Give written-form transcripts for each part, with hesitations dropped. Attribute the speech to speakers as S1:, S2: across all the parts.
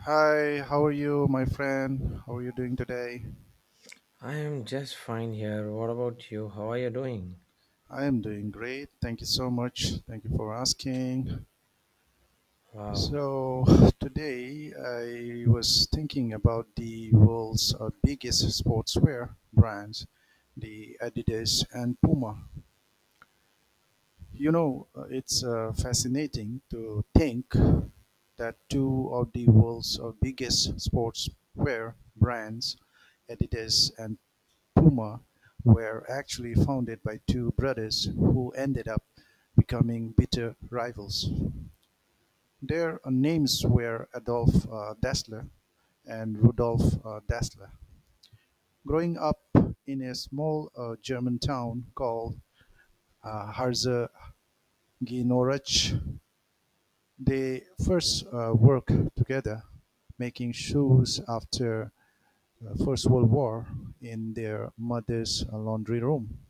S1: Hi, how are you, my friend? How are you doing today?
S2: I am just fine here. What about you? How are you doing?
S1: I am doing great. Thank you so much. Thank you for asking.
S2: Wow.
S1: So, today I was thinking about the world's biggest sportswear brands, the Adidas and Puma. You know, it's Fascinating to think that two of the world's biggest sportswear brands, Adidas and Puma, were actually founded by two brothers who ended up becoming bitter rivals. Their names were Adolf Dassler and Rudolf Dassler. Growing up in a small German town called Harzer. They first worked together making shoes after First World War in their mother's laundry room.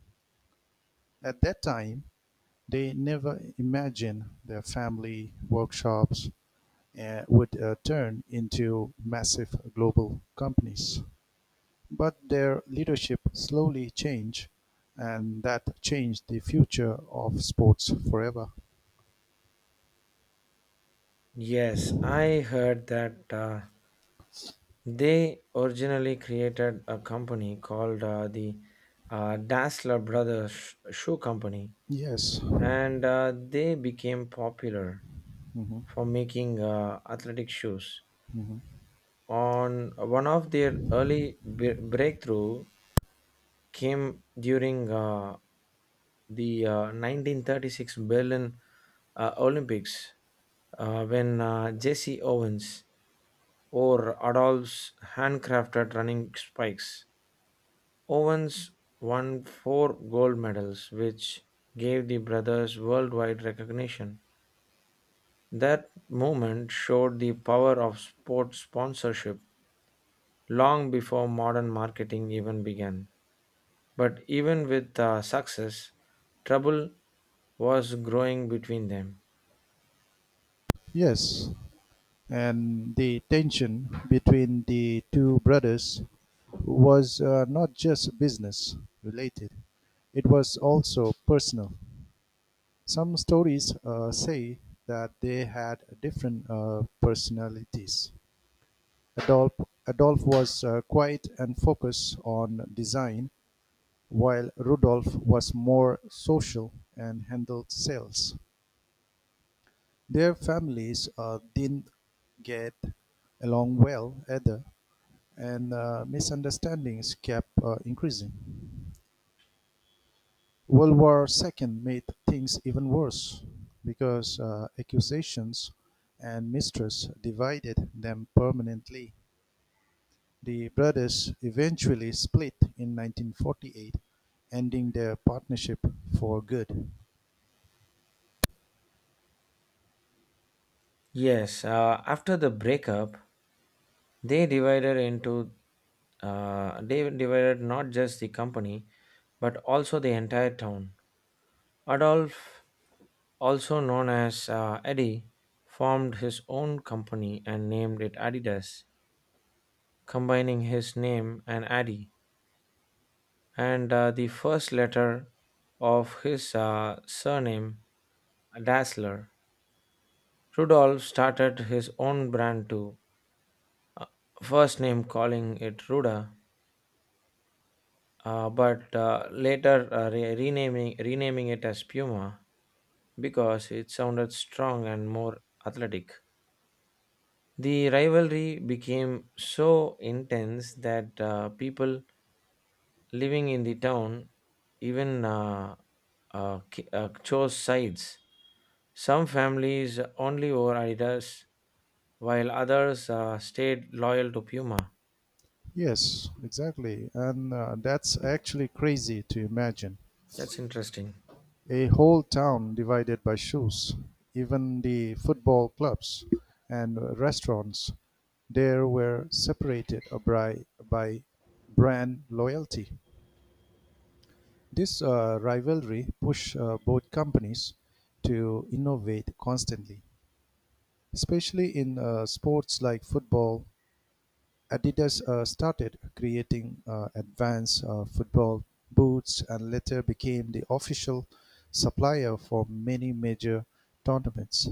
S1: At that time, they never imagined their family workshops would turn into massive global companies. But their leadership slowly changed, and that changed the future of sports forever.
S2: Yes, I heard that they originally created a company called the Dassler Brothers Shoe Company,
S1: Yes.
S2: and they became popular
S1: Mhm.
S2: for making athletic shoes.
S1: Mhm.
S2: On one of their early breakthrough came during the 1936 Berlin Olympics when Jesse Owens or Adolph's handcrafted running spikes. Owens won 4 gold medals, which gave the brothers worldwide recognition. That moment showed the power of sports sponsorship long before modern marketing even began. But even with success, trouble was growing between them.
S1: Yes. And the tension between the two brothers was not just business related, it was also personal. Some stories say that they had different personalities. Adolf, Adolf was quiet and focused on design, while Rudolf was more social and handled sales. Their families didn't get along well either, and misunderstandings kept increasing. World War II made things even worse because accusations and mistrust divided them permanently. The brothers eventually split in 1948, ending their partnership for good.
S2: Yes, after the breakup, they divided into they divided not just the company but also the entire town. Adolf, also known as Eddie, formed his own company and named it Adidas, combining his name and Adi and the first letter of his surname, Dassler. Rudolf started his own brand too, uh, first name calling it Ruda, but later renaming it as Puma because it sounded strong and more athletic. The rivalry became so intense that people living in the town even chose sides. Some families only wore Adidas, while others stayed loyal to Puma.
S1: Yes, exactly. And that's actually crazy to imagine.
S2: That's interesting.
S1: A whole town divided by shoes, even the football clubs and restaurants there were separated by brand loyalty. This rivalry pushed both companies to innovate constantly, especially in sports like football. Adidas started creating advanced football boots and later became the official supplier for many major tournaments.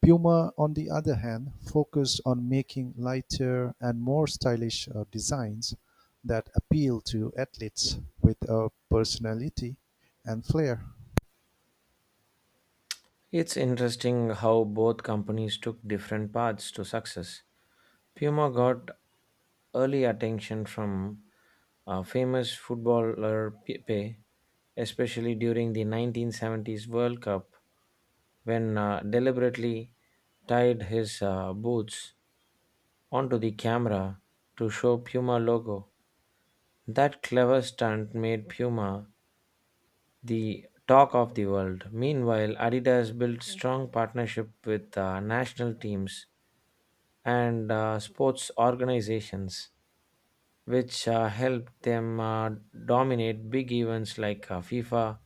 S1: Puma, on the other hand, focused on making lighter and more stylish designs that appeal to athletes with a personality and flair.
S2: It's interesting how both companies took different paths to success. Puma got early attention from famous footballer Pepe, especially during the 1970s World Cup when deliberately tied his boots onto the camera to show Puma logo. That clever stunt made Puma the talk of the world. Meanwhile, Adidas built strong partnership with national teams and sports organizations, which helped them dominate big events like FIFA,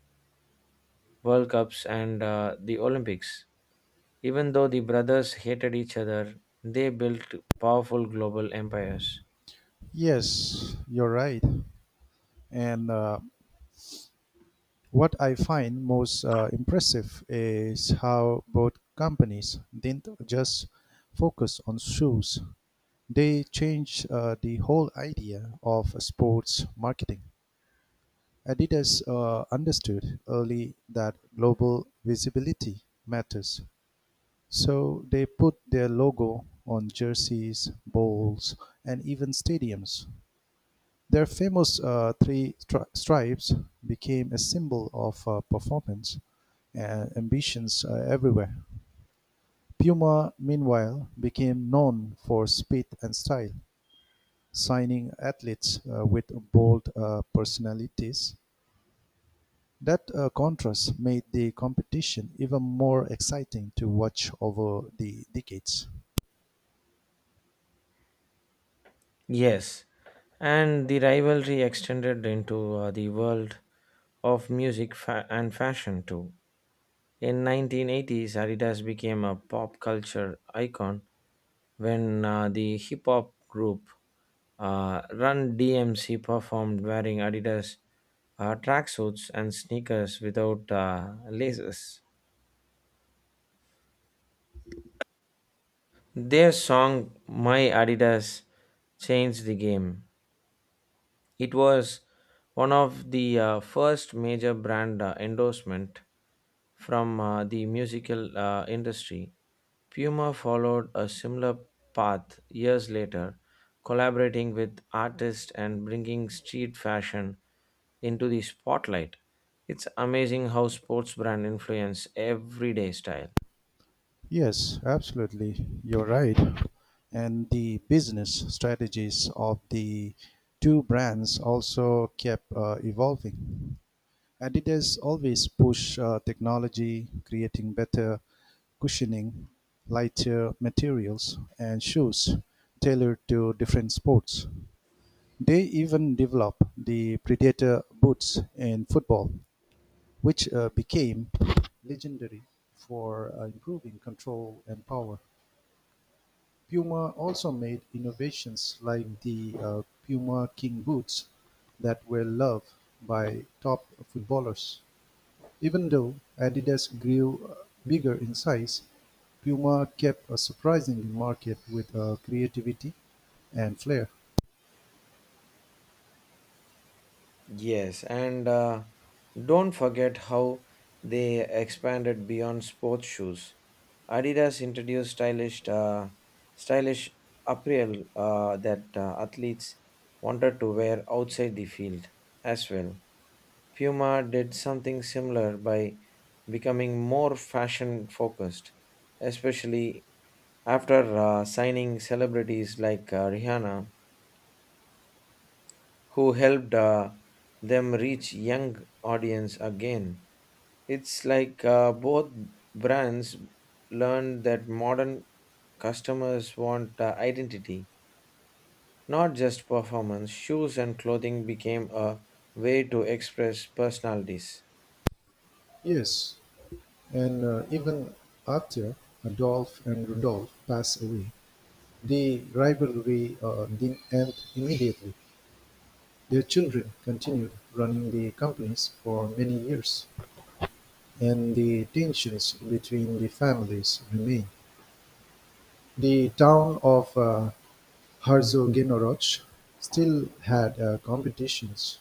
S2: World Cups, and the Olympics. Even though the brothers hated each other, they built powerful global empires.
S1: Yes, you're right. And what I find most impressive is how both companies didn't just focus on shoes, they changed the whole idea of sports marketing. Adidas understood early that global visibility matters, so they put their logo on jerseys, bowls, and even stadiums. Their famous stripes became a symbol of performance and ambitions everywhere. Puma, meanwhile, became known for speed and style, signing athletes with bold personalities. That contrast made the competition even more exciting to watch over the decades.
S2: Yes, and the rivalry extended into the world of music and fashion too. In 1980s, Adidas became a pop culture icon when the hip hop group Run DMC performed wearing Adidas tracksuits and sneakers without laces. Their song My Adidas changed the game. It was one of the first major brand endorsement from the musical industry. Puma followed a similar path years later, collaborating with artists and bringing street fashion into the spotlight. It's amazing how sports brand influence everyday style.
S1: Yes, absolutely. You're right. And the business strategies of the two brands also kept evolving. Adidas always push technology, creating better cushioning, lighter materials, and shoes tailored to different sports. They even developed the Predator boots in football, which became legendary for improving control and power. Puma also made innovations like the Puma King boots that were loved by top footballers. Even though Adidas grew bigger in size, Puma kept a surprising market with creativity and flair.
S2: Yes, and don't forget how they expanded beyond sports shoes. Adidas introduced stylish apparel that athletes wanted to wear outside the field as well. Puma did something similar by becoming more fashion focused, especially after signing celebrities like Rihanna who helped them reach young audience again. It's like both brands learned that modern customers want identity, not just performance. Shoes and clothing became a way to express personalities.
S1: Yes, and even after Adolf and Rudolf passed away, the rivalry didn't end immediately. Their children continued running the companies for many years, and the tensions between the families remain. The town of Herzogenaurach still had competitions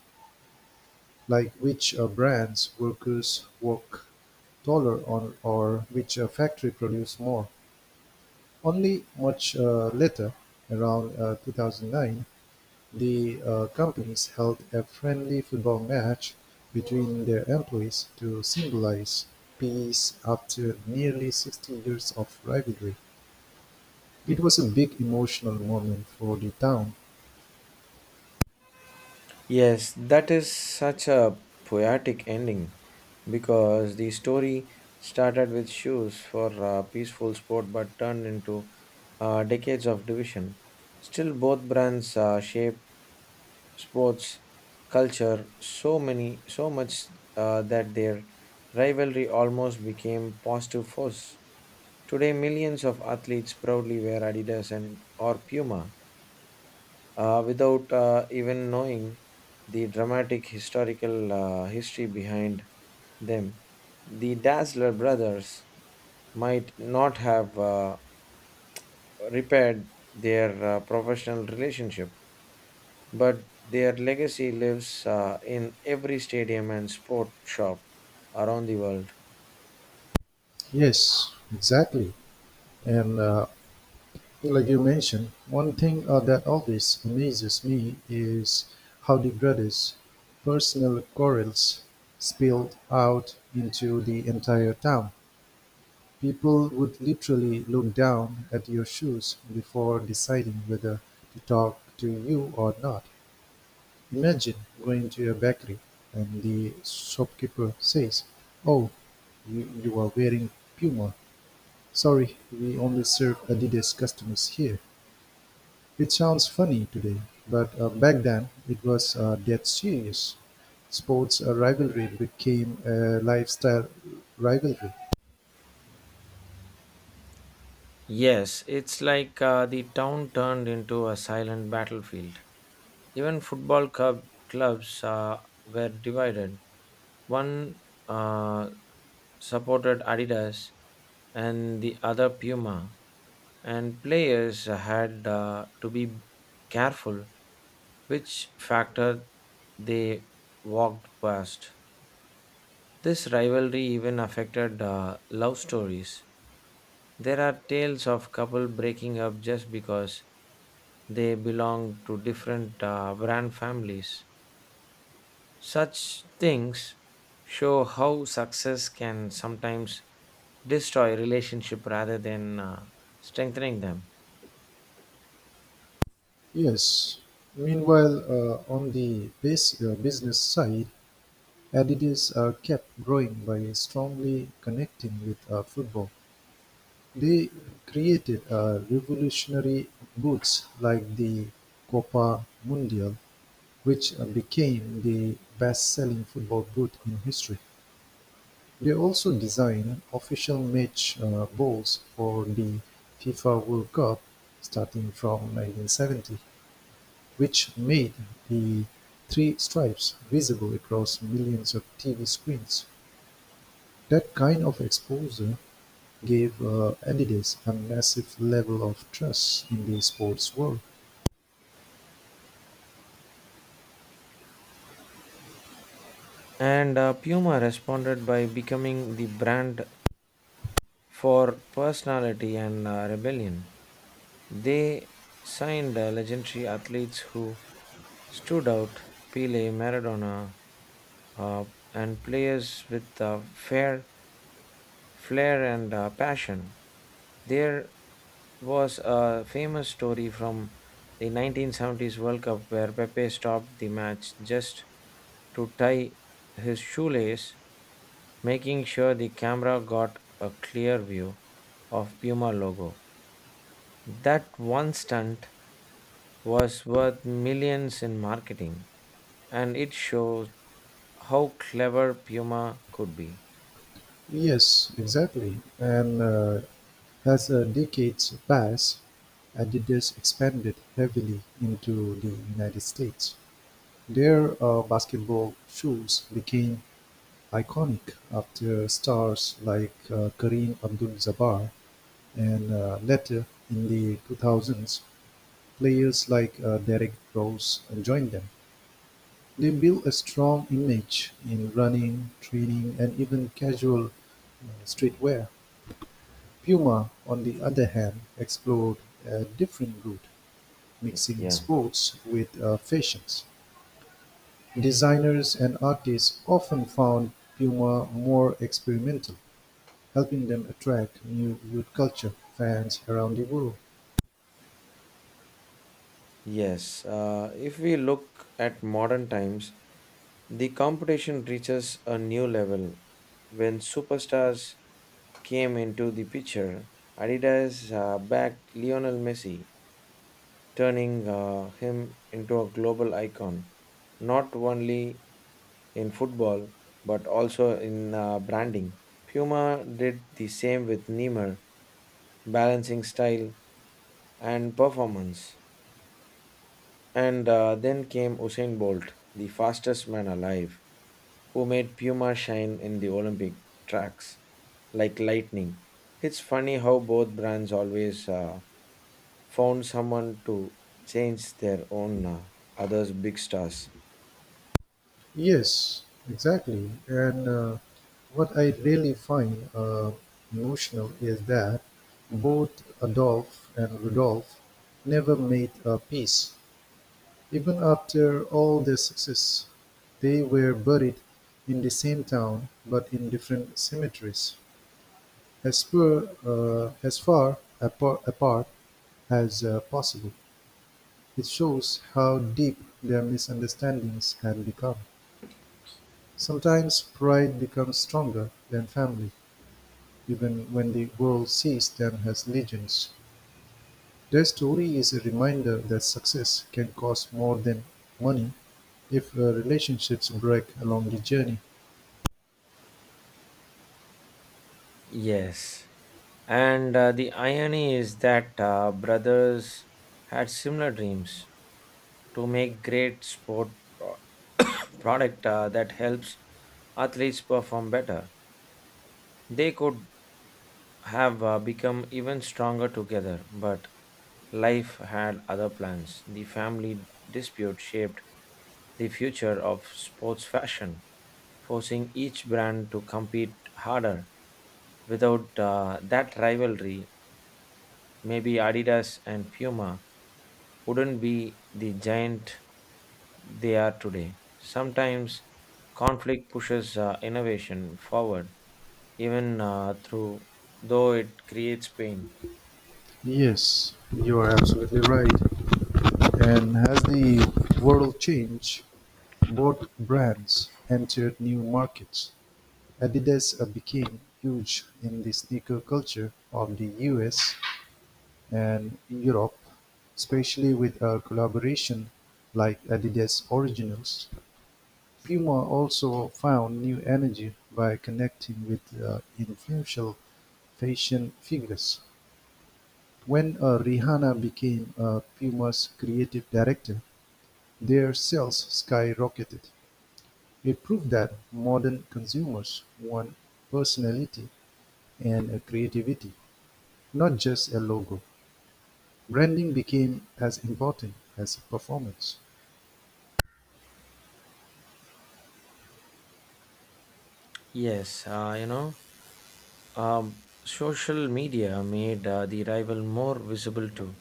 S1: like which brands workers work taller on or which factory produced more. Only much later, around 2009, the companies held a friendly football match between their employees to symbolize peace after nearly 60 years of rivalry. It was a big emotional moment for the town.
S2: Yes, that is such a poetic ending because the story started with shoes for a peaceful sport but turned into decades of division. Still, both brands shape sports culture so much that their rivalry almost became positive force. Today, millions of athletes proudly wear Adidas and or Puma without even knowing the dramatic historical history behind them. The Dazzler brothers might not have repaired their professional relationship, but their legacy lives in every stadium and sport shop around the world.
S1: Yes, exactly. And like you mentioned, one thing that always amazes me is how the brothers' personal quarrels spilled out into the entire town. People would literally look down at your shoes before deciding whether to talk to you or not. Imagine going to a bakery and the shopkeeper says, "Oh, you are wearing Puma. Sorry, we only serve Adidas customers here." It sounds funny today, but back then it was dead serious. Sports rivalry became a lifestyle rivalry.
S2: Yes, it's like the town turned into a silent battlefield. Even clubs were divided. One uh, supported Adidas and the other Puma, and players had to be careful which factor they walked past. This rivalry even affected love stories. There are tales of couple breaking up just because they belong to different brand families. Such things show how success can sometimes destroy relationship rather than strengthening them.
S1: Yes. Meanwhile, on the business side, Adidas kept growing by strongly connecting with football. They created revolutionary boots like the Copa Mundial, which became the best-selling football boot in history. They also designed official match balls for the FIFA World Cup starting from 1970, which made the three stripes visible across millions of TV screens. That kind of exposure gave Adidas a massive level of trust in the sports world.
S2: And Puma responded by becoming the brand for personality and rebellion. They signed legendary athletes who stood out Pele, Maradona, uh and players with fair flair and passion. There was a famous story from the 1970s World Cup where Pepe stopped the match just to tie his shoelace, making sure the camera got a clear view of Puma logo. That one stunt was worth millions in marketing, and it shows how clever Puma could be.
S1: Yes, exactly. And as decades passed, Adidas expanded heavily into the United States. Their basketball shoes became iconic after stars like Kareem Abdul-Jabbar. And later in the 2000s, players like Derek Rose joined them. They built a strong image in running, training, and even casual streetwear. Puma, on the other hand, explored a different route, mixing
S2: Yeah.
S1: sports with fashions. Designers and artists often found Puma more experimental, helping them attract new youth culture fans around the world.
S2: Yes. If we look at modern times, the competition reaches a new level. When superstars came into the picture, Adidas backed Lionel Messi, turning him into a global icon, not only in football but also in branding. Puma did the same with Neymar, balancing style and performance. And then came Usain Bolt, the fastest man alive, who made Puma shine in the Olympic tracks like lightning. It's funny how both brands always found someone to change their own others big stars
S1: Yes, exactly. And what I really find emotional is that both Adolf and Rudolf never made a peace. Even after all their success, they were buried in the same town but in different cemeteries, as far apart as possible. It shows how deep their misunderstandings had become. Sometimes pride becomes stronger than family, even when the world sees them as legends. Their story is a reminder that success can cost more than money if relationships break along the journey.
S2: yes and the irony is that brothers had similar dreams to make great sport pro- product that helps athletes perform better they could have become even stronger together, but life had other plans. The family dispute shaped the future of sports fashion, forcing each brand to compete harder. Without that rivalry, maybe Adidas and Puma wouldn't be the giant they are today. Sometimes conflict pushes innovation forward even through though it creates pain.
S1: Yes, you are absolutely right. And as the world changed, both brands entered new markets. Adidas became huge in the sneaker culture of the US and Europe, especially with a collaboration like Adidas Originals. Puma also found new energy by connecting with influential fashion figures. When Rihanna became Puma's creative director, their sales skyrocketed. It proved that modern consumers want personality and creativity, not just a logo. Branding became as important as performance.
S2: Yes, you know, social media made the rival more visible too.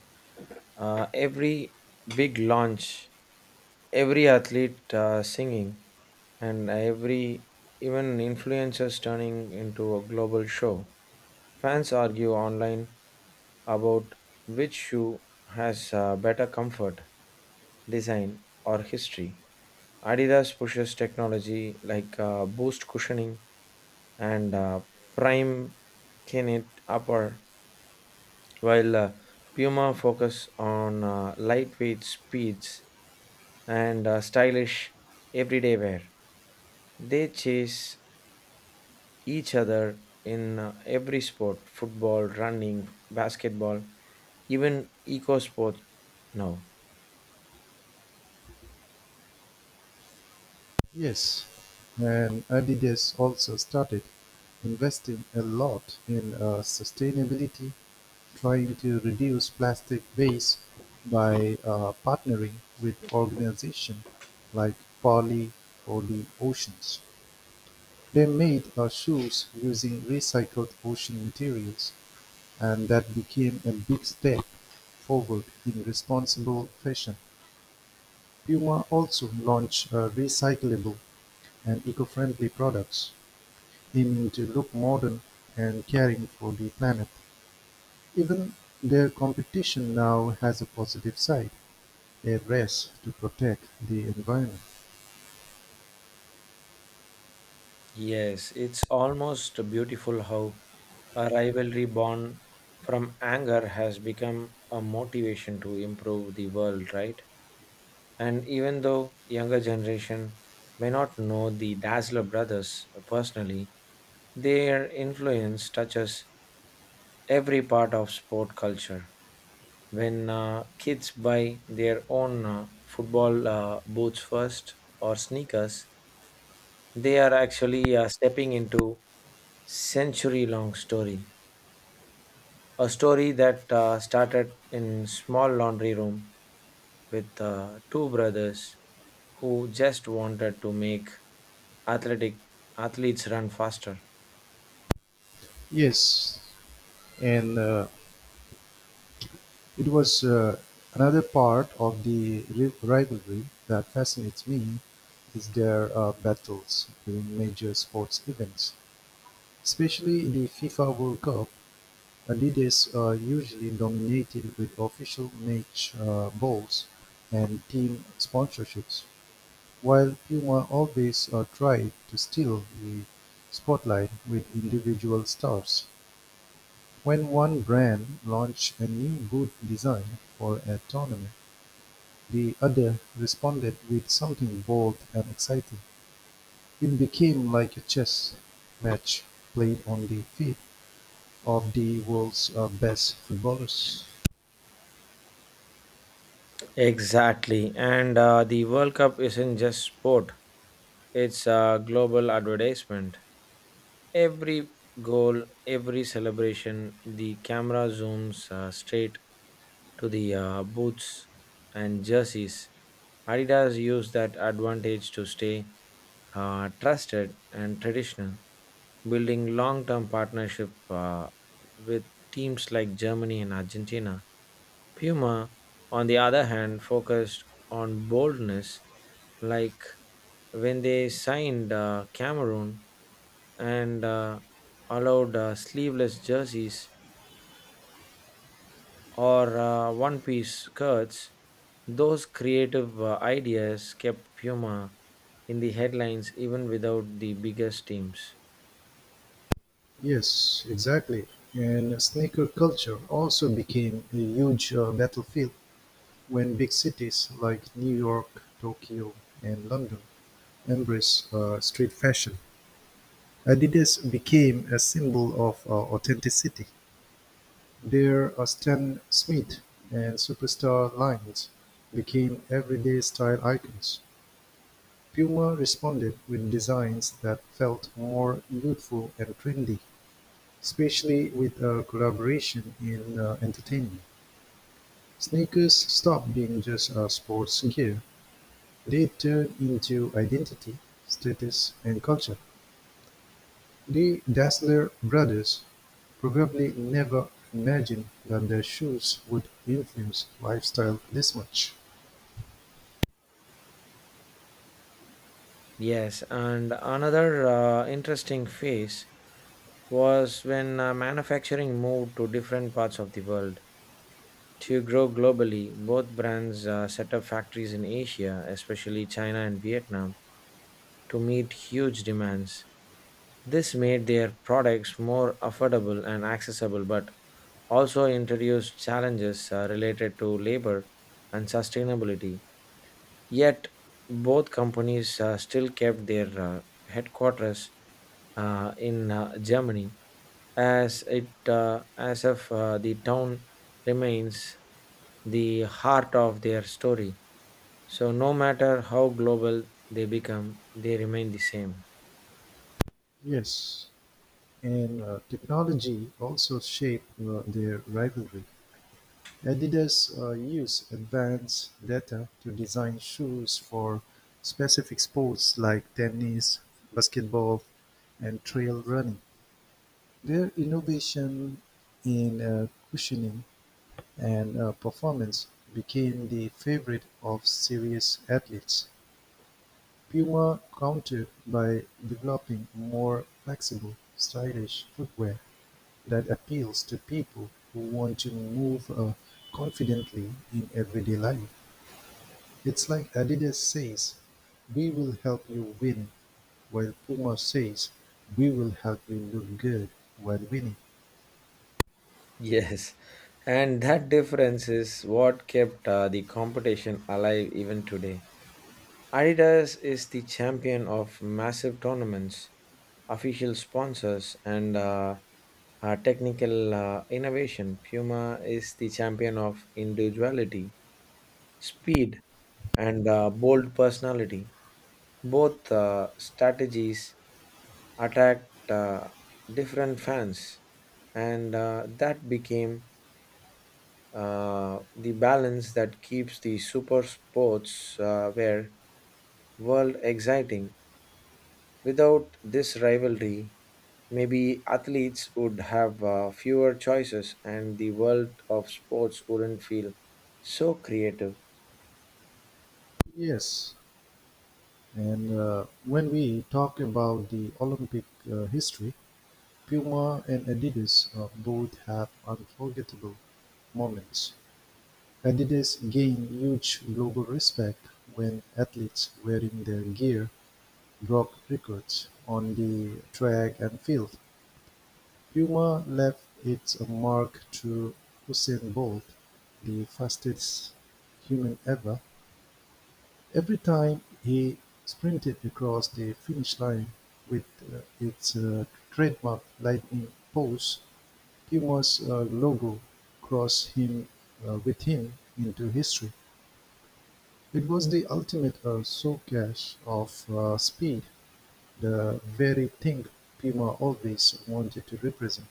S2: Every big launch, every athlete singing, and every even influencers turning into a global show. Fans argue online about which shoe has better comfort, design, or history Adidas pushes technology like boost cushioning and prime Kinet upper, while Puma focus on lightweight speeds and stylish everyday wear. They chase each other in every sport football, running, basketball, even eco sports now.
S1: Yes, and Adidas also started investing a lot in sustainability, trying to reduce plastic waste by partnering with organizations like Poly or the Oceans. They made shoes using recycled ocean materials, and that became a big step forward in responsible fashion. Puma also launched recyclable and eco-friendly products, aiming to look modern and caring for the planet. Even their competition now has a positive side, a race to protect the environment.
S2: Yes, it's almost beautiful how a rivalry born from anger has become a motivation to improve the world, right? And even though younger generation may not know the Dazzler brothers personally, their influence touches every part of sport culture. When kids buy their own football boots first or sneakers, they are actually stepping into century long story. A story that started in small laundry room with two brothers who just wanted to make athletic athletes run faster.
S1: Yes, and it was another part of the rivalry that fascinates me is their battles during major sports events, especially in the FIFA World Cup. Leaders are usually dominated with official match balls and team sponsorships, while Puma always tried to steal the spotlight with individual stars. When one brand launched a new boot design for a tournament, the other responded with something bold and exciting. It became like a chess match played on the feet of the world's best footballers.
S2: Exactly. And the World Cup isn't just sport, it's a global advertisement. Every goal, every celebration, the camera zooms straight to the boots and jerseys. Adidas used that advantage to stay trusted and traditional, building long term partnership with teams like Germany and Argentina. Puma, on the other hand, focused on boldness, like when they signed Cameroon and allowed sleeveless jerseys or one piece skirts. Those creative ideas kept Puma in the headlines even without the biggest teams.
S1: Yes, exactly. And sneaker culture also became a huge battlefield when big cities like New York, Tokyo, and London embraced street fashion. Adidas became a symbol of authenticity. Their Stan Smith and Superstar lines became everyday style icons. Puma responded with designs that felt more youthful and trendy. Especially with a collaboration in entertainment, sneakers stopped being just a sports gear. They turned into identity, status, and culture. The Dassler brothers probably never imagined that their shoes would influence lifestyle this much.
S2: Yes, and another interesting phase was when manufacturing moved to different parts of the world. To grow globally, both brands set up factories in Asia, especially China and Vietnam, to meet huge demands. This made their products more affordable and accessible, but also introduced challenges related to labor and sustainability. Yet, both companies still kept their headquarters in Germany, as if the town remains the heart of their story. So, no matter how global they become, they remain the same.
S1: Yes, and technology also shaped their rivalry. Adidas use advanced data to design shoes for specific sports like tennis, basketball, and trail running. Their innovation in cushioning and performance became the favorite of serious athletes. Puma countered by developing more flexible, stylish footwear that appeals to people who want to move confidently in everyday life. It's like Adidas says, "We will help you win," while Puma says, "We will help you look good while winning."
S2: Yes, and that difference is what kept the competition alive even today. Adidas is the champion of massive tournaments, official sponsors, and technical innovation. Puma is the champion of individuality, speed, and bold personality. Both strategies attacked different fans, and that became the balance that keeps the super sports where world exciting. Without this rivalry, maybe athletes would have fewer choices, and the world of sports wouldn't feel so creative.
S1: Yes, and when we talk about the Olympic history, Puma and Adidas both have unforgettable moments. Adidas gained huge global respect when athletes wearing their gear broke records on the track and field. Puma left its mark through Usain Bolt, the fastest human ever. Every time he sprinted across the finish line with its trademark lightning pose, Puma's logo crossed him with him into history. It was the ultimate showcase of speed, the very thing Puma always wanted to represent.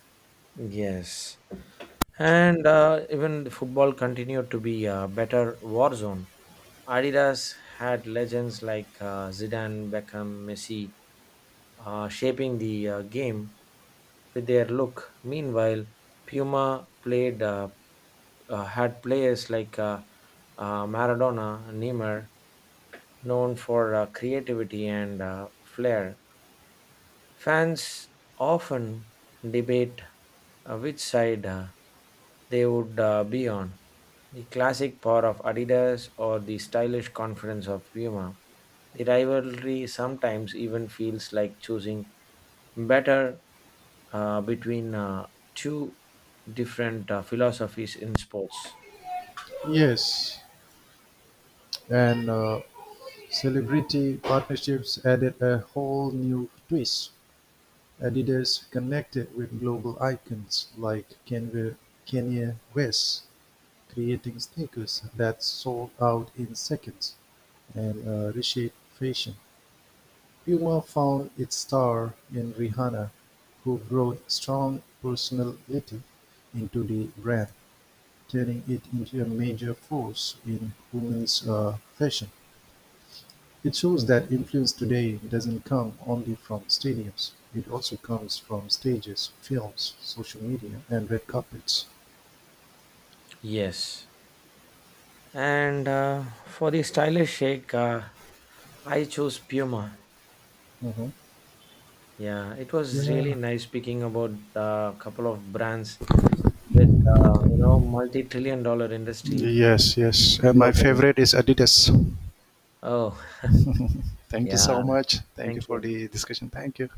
S2: Yes. And even the football continued to be a better war zone. Adidas had legends like Zidane, Beckham, Messi shaping the game with their look. Meanwhile, Puma played had players like Maradona, Neymar, known for creativity and flair. Fans often debate which side they would be on the classic power of Adidas or the stylish confidence of Puma. The rivalry sometimes even feels like choosing better between two different philosophies in sports.
S1: Yes, and celebrity partnerships added a whole new twist: Adidas connected with global icons like Kanye West, creating sneakers that sold out in seconds and reshaped fashion. Puma found its star in Rihanna, who brought strong personality into the brand, turning it into a major force in women's fashion. It shows that influence today doesn't come only from stadiums, it also comes from stages, films, social media, and red carpets.
S2: Yes. And for the stylish shake, I choose Puma.
S1: Mhm.
S2: Yeah, it was really
S1: Yeah.
S2: nice speaking about a couple of brands with you know multi-trillion-dollar industry
S1: Yes, yes. And my
S2: globally.
S1: favorite is Adidas.
S2: Oh,
S1: Thank you so
S2: yeah,
S1: much. Thank you
S2: thank
S1: for
S2: you.
S1: the discussion. Thank you.